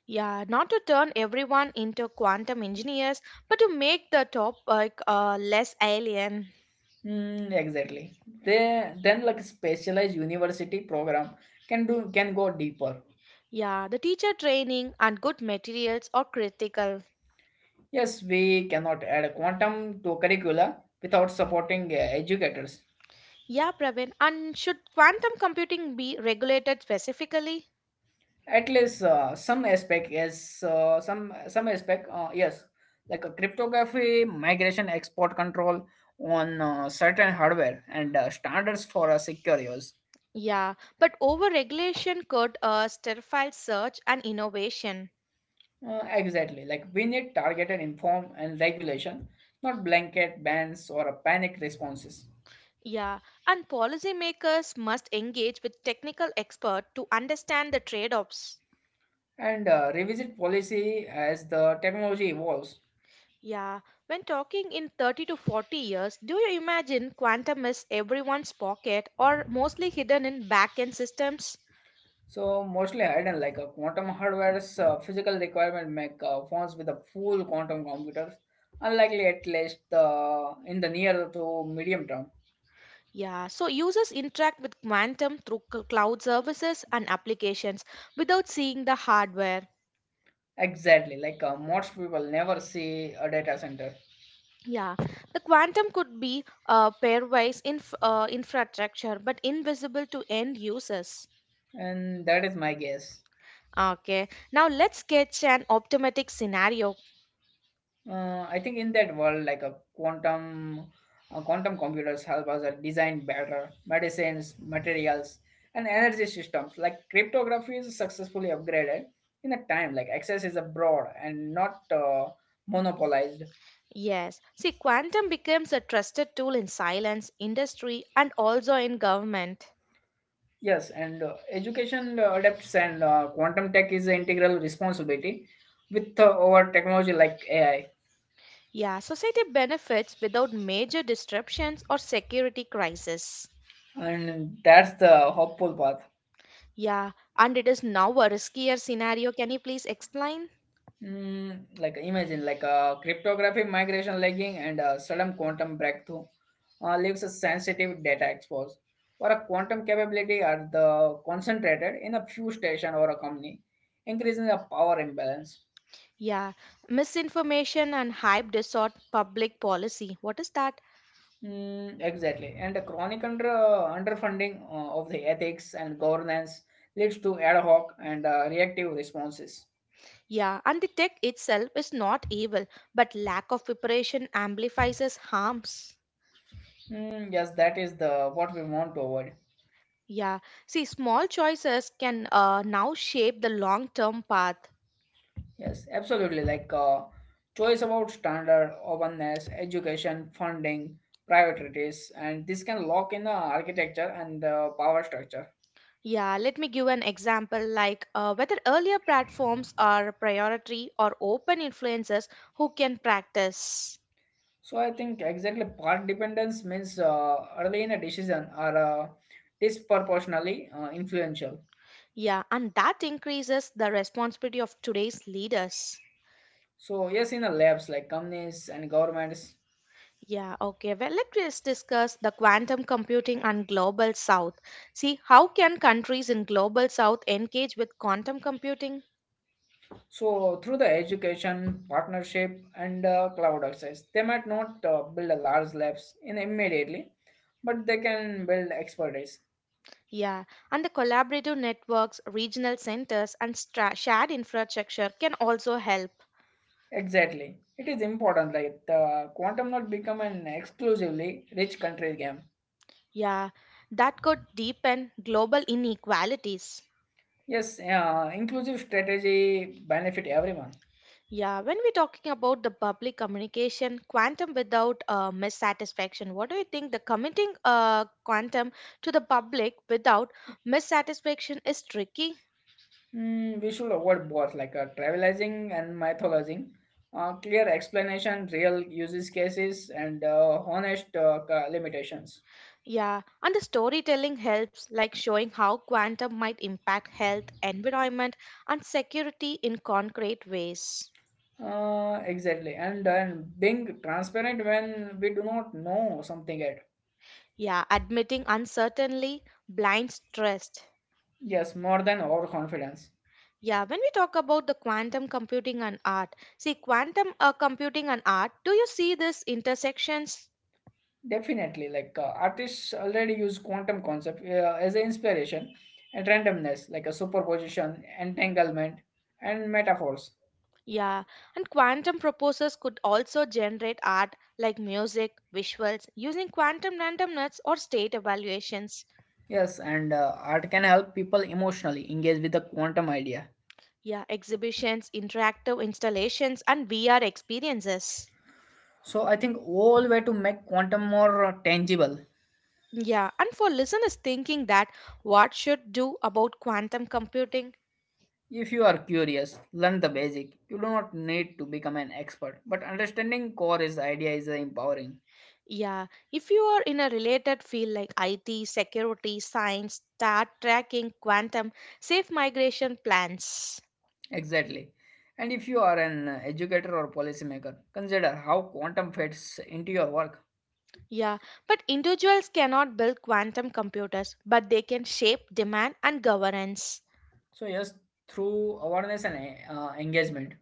S2: Yeah, not to turn everyone into quantum engineers, but to make the topic less alien.
S1: Mm, exactly. They then like specialized university program can go deeper.
S2: Yeah, the teacher training and good materials are critical.
S1: Yes, we cannot add quantum to curricula without supporting educators.
S2: Yeah, Praveen, and should quantum computing be regulated specifically?
S1: At least some aspect. Yes, like a cryptography, migration, export control on certain hardware, and standards for secure use.
S2: Yeah, but over regulation could stifle search and innovation.
S1: Exactly. Like we need targeted inform and regulation, not blanket bans or panic responses.
S2: Yeah, and policymakers must engage with technical experts to understand the trade offs.
S1: And revisit policy as the technology evolves.
S2: Yeah, when talking in 30 to 40 years, do you imagine quantum is everyone's pocket or mostly hidden in back end systems?
S1: So mostly hidden, like a quantum hardware's physical requirement make phones with a full quantum computers unlikely at least in the near to medium term.
S2: Yeah, so users interact with quantum through cloud services and applications without seeing the hardware.
S1: Exactly, like most people never see a data center,
S2: Yeah, the quantum could be pairwise infrastructure but invisible to end users.
S1: and that is my guess.
S2: Okay, now let's sketch an optimistic scenario.
S1: I think in that world, like a quantum computers help us design better medicines, materials, and energy systems. Like cryptography is successfully upgraded in a time. Like access is abroad and not monopolized.
S2: Yes, see, quantum becomes a trusted tool in science, industry, and also in government.
S1: Yes, and education adapts and quantum tech is an integral responsibility with our technology like AI,
S2: Yeah, society benefits without major disruptions or security crisis.
S1: and that's the hopeful path.
S2: Yeah, and it is now a riskier scenario. Can you please explain?
S1: Mm, like imagine like a cryptography migration lagging and a sudden quantum breakthrough leaves a sensitive data exposed, or a quantum capability are the concentrated in a few station or a company, increasing the power imbalance.
S2: Yeah, misinformation and hype distort public policy. What is that?
S1: Exactly, and the chronic underfunding of the ethics and governance leads to ad hoc and reactive responses.
S2: Yeah, and the tech itself is not evil, but lack of preparation amplifies its harms.
S1: Yes, that is the what we want to avoid.
S2: Yeah. See, small choices can now shape the long term path.
S1: Yes, absolutely. Like choice about standard, openness, education, funding, priorities, and this can lock in the architecture and power structure.
S2: Yeah, let me give an example like whether earlier platforms are priority or open influencers who can practice.
S1: So I think exactly part dependence means early in a decision are disproportionately influential.
S2: Yeah, and that increases the responsibility of today's leaders.
S1: So yes, in the labs like companies and governments.
S2: Yeah, okay. Well, let's discuss the quantum computing and global south. See, how can countries in global south engage with quantum computing?
S1: So through the education partnership and cloud access, they might not build a large labs in immediately, but they can build expertise.
S2: Yeah, and the collaborative networks, regional centers, and shared infrastructure can also help.
S1: Exactly. It is important. Like the quantum not become an exclusively rich country game.
S2: Yeah, that could deepen global inequalities.
S1: Yes, inclusive strategy benefit everyone.
S2: Yeah, when we're talking about the public communication, quantum without dissatisfaction, what do you think? The committing quantum to the public without dissatisfaction is tricky.
S1: Hmm, we should avoid both like trivializing and mythologizing. Clear explanation, real uses cases, and honest limitations.
S2: Yeah, and the storytelling helps, like showing how quantum might impact health, environment, and security in concrete ways.
S1: Exactly, and being transparent when we do not know something yet.
S2: Yeah, admitting uncertainly, blinds trust.
S1: Yes, more than overconfidence.
S2: Yeah, when we talk about the quantum computing and art, see, quantum computing and art, do you see this intersections?
S1: Definitely, like artists already use quantum concept as an inspiration and randomness, like a superposition, entanglement, and metaphors.
S2: Yeah, and quantum proposers could also generate art like music, visuals, using quantum randomness or state evaluations.
S1: Yes, and art can help people emotionally engage with the quantum idea.
S2: Yeah, exhibitions, interactive installations, and VR experiences.
S1: So I think all way to make quantum more tangible.
S2: Yeah, and for listeners thinking that what should do about quantum computing,
S1: If you are curious, learn the basic. You do not need to become an expert, but understanding core is idea is empowering.
S2: yeah, if you are in a related field like IT, security, science, star tracking, quantum, safe migration plans.
S1: Exactly. And if you are an educator or policymaker, consider how quantum fits into your work.
S2: Yeah, but individuals cannot build quantum computers, but they can shape demand and governance.
S1: So, yes, through awareness and engagement.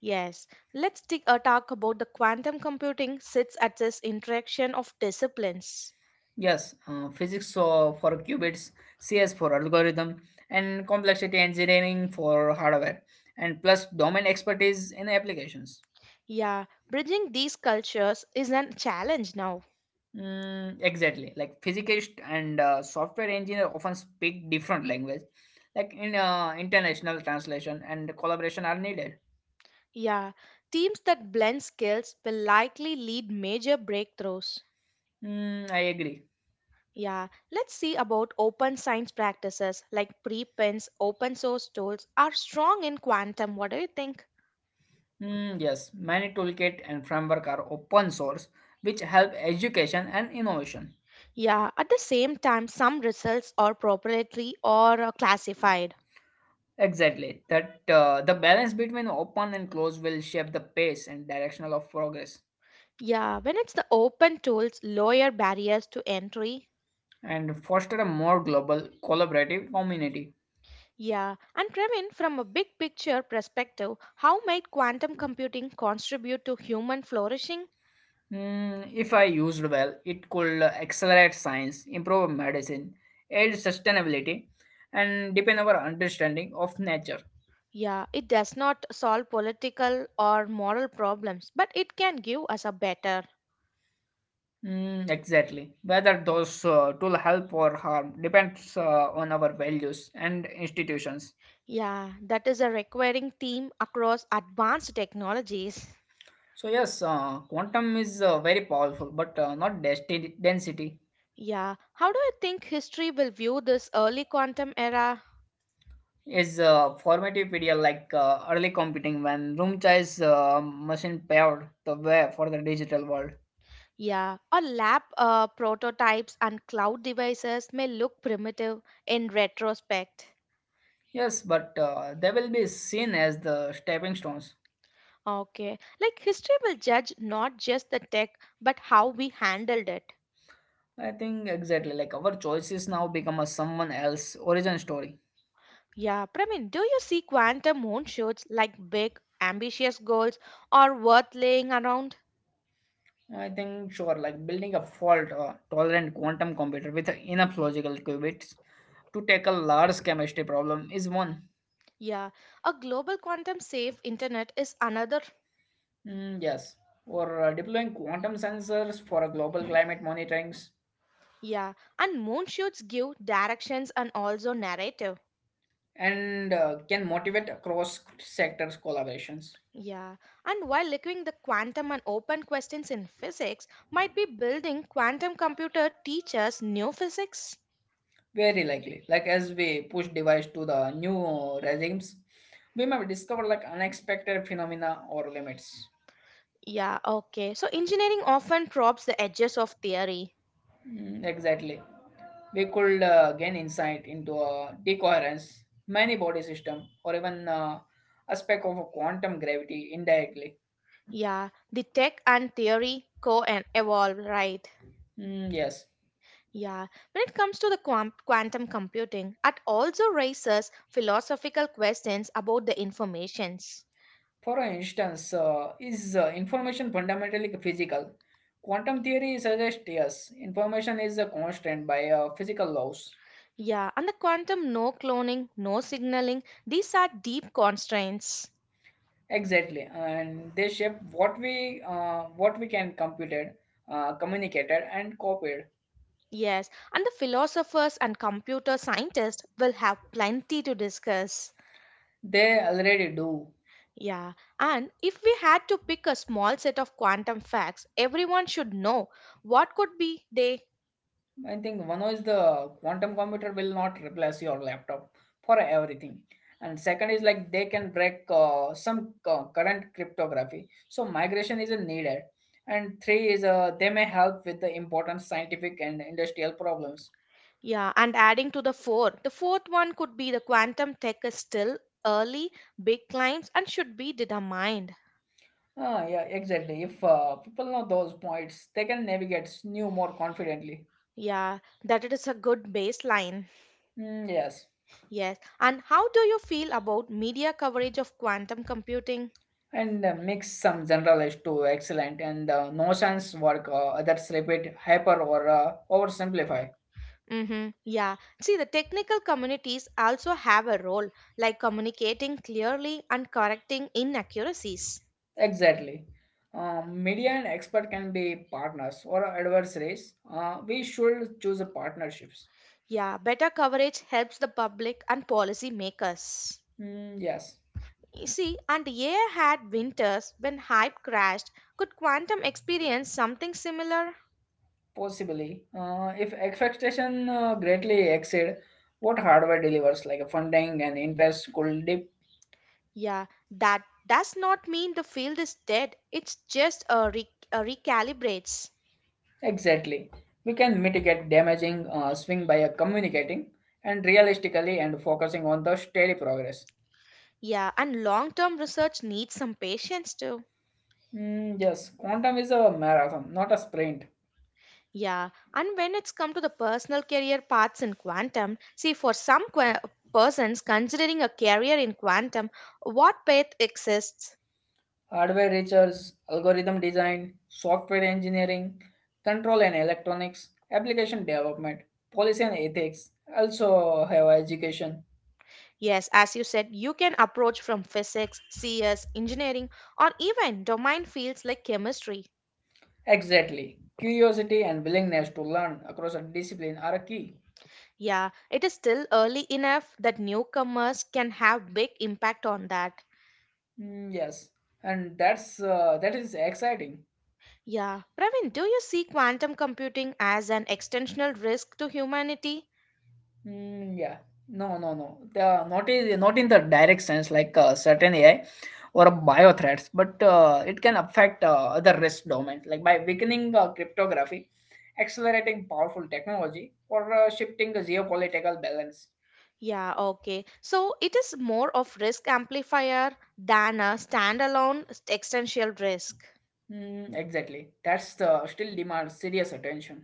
S2: Yes, let's take a talk about the quantum computing sits at this interaction of disciplines.
S1: Yes, physics so for qubits, CS for algorithm, and complexity engineering for hardware, and plus domain expertise in applications.
S2: Yeah, bridging these cultures is a challenge now.
S1: Mm, exactly. Like physicist and software engineer often speak different language. Like in international translation and collaboration are needed.
S2: Yeah, teams that blend skills will likely lead major breakthroughs.
S1: Mm, I agree.
S2: Yeah, let's see about open science practices like preprints, open source tools are strong in quantum. What do you think?
S1: Mm, yes, many toolkit and framework are open source, which help education and innovation.
S2: Yeah, at the same time, some results are proprietary or classified.
S1: Exactly, that the balance between open and closed will shape the pace and directional of progress,
S2: Yeah, when it's the open tools, lower barriers to entry.
S1: and foster a more global collaborative community.
S2: Yeah, and Trevin, from a big picture perspective, how might quantum computing contribute to human flourishing?
S1: Mm, if I used well, it could accelerate science, improve medicine, aid sustainability, and deepen our understanding of nature.
S2: Yeah, it does not solve political or moral problems, but it can give us a better.
S1: Mm, exactly. Whether those tool help or harm depends on our values and institutions.
S2: Yeah, that is a recurring theme across advanced technologies.
S1: So yes, quantum is very powerful, but not density. Density
S2: Yeah, how do you think history will view this early quantum era?
S1: is a formative period like early computing when room size machine paved the way for the digital world.
S2: Yeah, or lab prototypes and cloud devices may look primitive in retrospect.
S1: Yes, but they will be seen as the stepping stones.
S2: Okay, like history will judge not just the tech but how we handled it.
S1: I think exactly like our choices now become a someone else origin story.
S2: Yeah, Pramin, do you see quantum moonshoots like big, ambitious goals or worth laying around?
S1: I think sure, like building a fault-tolerant quantum computer with enough logical qubits to tackle large chemistry problem is one.
S2: Yeah, a global quantum safe internet is another.
S1: Mm, yes, or deploying quantum sensors for a global climate monitorings,
S2: Yeah, and moonshoots give directions and also narrative.
S1: and can motivate across sectors collaborations.
S2: Yeah, and while looking the quantum and open questions in physics, might be building quantum computer teaches new physics.
S1: Very likely, like as we push device to the new regimes, we may discover like unexpected phenomena or limits.
S2: Yeah, okay. So engineering often probes the edges of theory.
S1: Mm, exactly. We could gain insight into decoherence, many body system, or even aspect of quantum gravity indirectly.
S2: Yeah, the tech and theory co and evolve, right?
S1: Mm, yes.
S2: Yeah, when it comes to the quantum computing, it also raises philosophical questions about the informations.
S1: For instance, is information fundamentally physical? Quantum theory suggests yes, information is a constant by physical laws.
S2: Yeah, and the quantum no cloning, no signaling, these are deep constraints.
S1: Exactly, and they shape what we can computed, communicated, and copied.
S2: Yes, and the philosophers and computer scientists will have plenty to discuss.
S1: They already do.
S2: Yeah, and if we had to pick a small set of quantum facts everyone should know, what could be they?
S1: I think one is the quantum computer will not replace your laptop for everything. And second is like they can break some current cryptography. So migration isn't needed. And three is they may help with the important scientific and industrial problems.
S2: Yeah, and adding to the four, the fourth one could be the quantum tech is still early, big climbs, and should be determined.
S1: Ah, yeah, exactly. If people know those points, they can navigate new more confidently.
S2: Yeah, that it is a good baseline.
S1: Mm, yes,
S2: Yes. And how do you feel about media coverage of quantum computing?
S1: and mix some generalized to excellent and no sense work others repeat hyper or oversimplify.
S2: Mm-hmm. Yeah. See, the technical communities also have a role, like communicating clearly and correcting inaccuracies.
S1: Exactly. Media and expert can be partners or adversaries. We should choose a partnerships.
S2: Yeah, better coverage helps the public and policy makers.
S1: Mm, yes,
S2: You see, and AI had winters when hype crashed. Could quantum experience something similar?
S1: possibly. If expectation greatly exceed what hardware delivers, like funding and interest could dip.
S2: Yeah, that does not mean the field is dead. It's just a, a recalibrates.
S1: Exactly. We can mitigate damaging swing by communicating and realistically and focusing on the steady progress.
S2: Yeah, and long term research needs some patience too.
S1: Mm, yes, quantum is a marathon, not a sprint.
S2: Yeah, and when it's come to the personal career paths in quantum, see, for some persons considering a career in quantum, what path exists?
S1: Hardware research, algorithm design, software engineering, control and electronics, application development, policy and ethics, also have education.
S2: Yes, as you said, you can approach from physics, CS, engineering, or even domain fields like chemistry.
S1: Exactly. Curiosity and willingness to learn across a discipline are key.
S2: Yeah, it is still early enough that newcomers can have big impact on that.
S1: Mm, yes, and that is exciting.
S2: Yeah, Praveen, do you see quantum computing as an extensional risk to humanity?
S1: Mm, yeah. No, no, no. The not is not in the direct sense like certain AI or bio threats, but it can affect other risk domains like by weakening cryptography, accelerating powerful technology, or shifting the geopolitical balance.
S2: Yeah, okay. So it is more of risk amplifier than a standalone existential risk.
S1: Mm, exactly. That's still demands serious attention.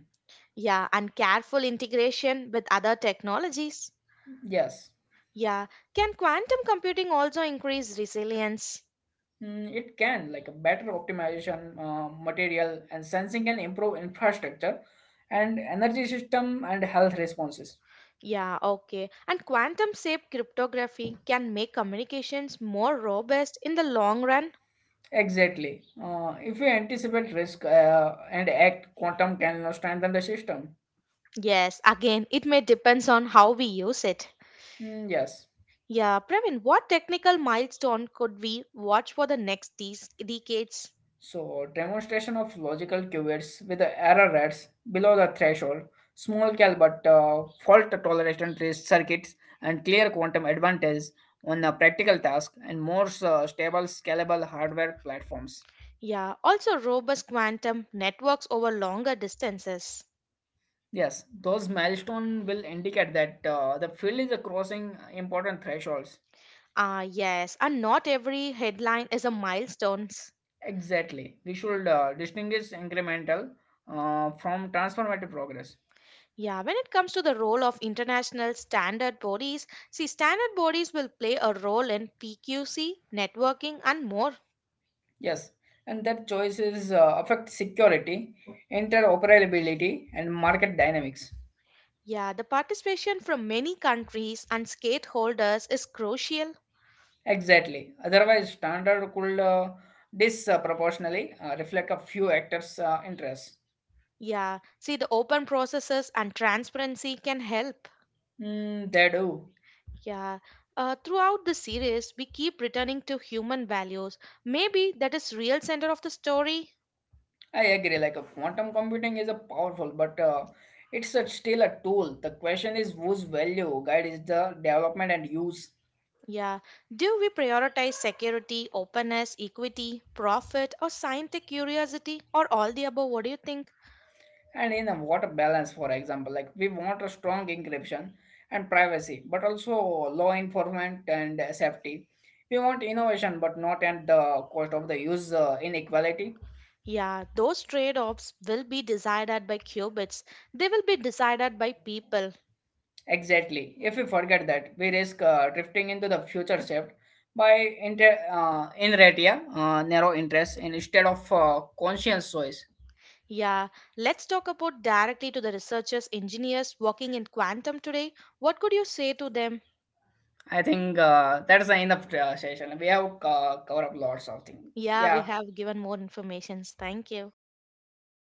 S2: Yeah, and careful integration with other technologies.
S1: Yes.
S2: Yeah. Can quantum computing also increase resilience?
S1: Mm, it can like a better optimization, material and sensing can improve infrastructure and energy system and health responses.
S2: Yeah, okay. And quantum safe cryptography can make communications more robust in the long run?
S1: Exactly. If you anticipate risk and act, quantum can now strengthen the system.
S2: Yes, again, it may depends on how we use it.
S1: Hmm, yes.
S2: Yeah, Praveen, what technical milestone could we watch for the next these decades?
S1: So, demonstration of logical qubits with the error rates below the threshold, small cal but fault tolerant trace circuits, and clear quantum advantage on a practical task and more stable, scalable hardware platforms.
S2: Yeah, also robust quantum networks over longer distances.
S1: Yes, those milestones will indicate that the field is crossing important thresholds.
S2: Ah, yes, and not every headline is a milestone.
S1: Exactly. We should distinguish incremental from transformative progress.
S2: Yeah, when it comes to the role of international standard bodies, see, standard bodies will play a role in PQC, networking, and more.
S1: Yes, and that choices affect security, interoperability, and market dynamics.
S2: Yeah, the participation from many countries and stakeholders is crucial.
S1: Exactly. Otherwise, standard could disproportionately reflect a few actors' interests.
S2: Yeah, see, the open processes and transparency can help.
S1: Mm, they do.
S2: Yeah, throughout the series, we keep returning to human values. Maybe that is real center of the story.
S1: I agree. Like a quantum computing is a powerful, but it's a, still a tool. The question is whose value guides the development and use.
S2: Yeah. Do we prioritize security, openness, equity, profit, or scientific curiosity, or all the above? What do you think?
S1: And in a water balance, for example, like we want a strong encryption and privacy, but also law enforcement and safety. We want innovation, but not at the cost of the user inequality.
S2: Yeah, those trade offs will be decided by qubits. They will be decided by people.
S1: Exactly, if we forget that, we risk drifting into the future shift by inertia ratia, narrow interest instead of conscious choice.
S2: Yeah, let's talk about directly to the researchers, engineers working in quantum today. What could you say to them?
S1: I think that's the end of the session. We have covered up lots of things.
S2: Yeah, we
S1: Yeah.
S2: have given more information. Thank you.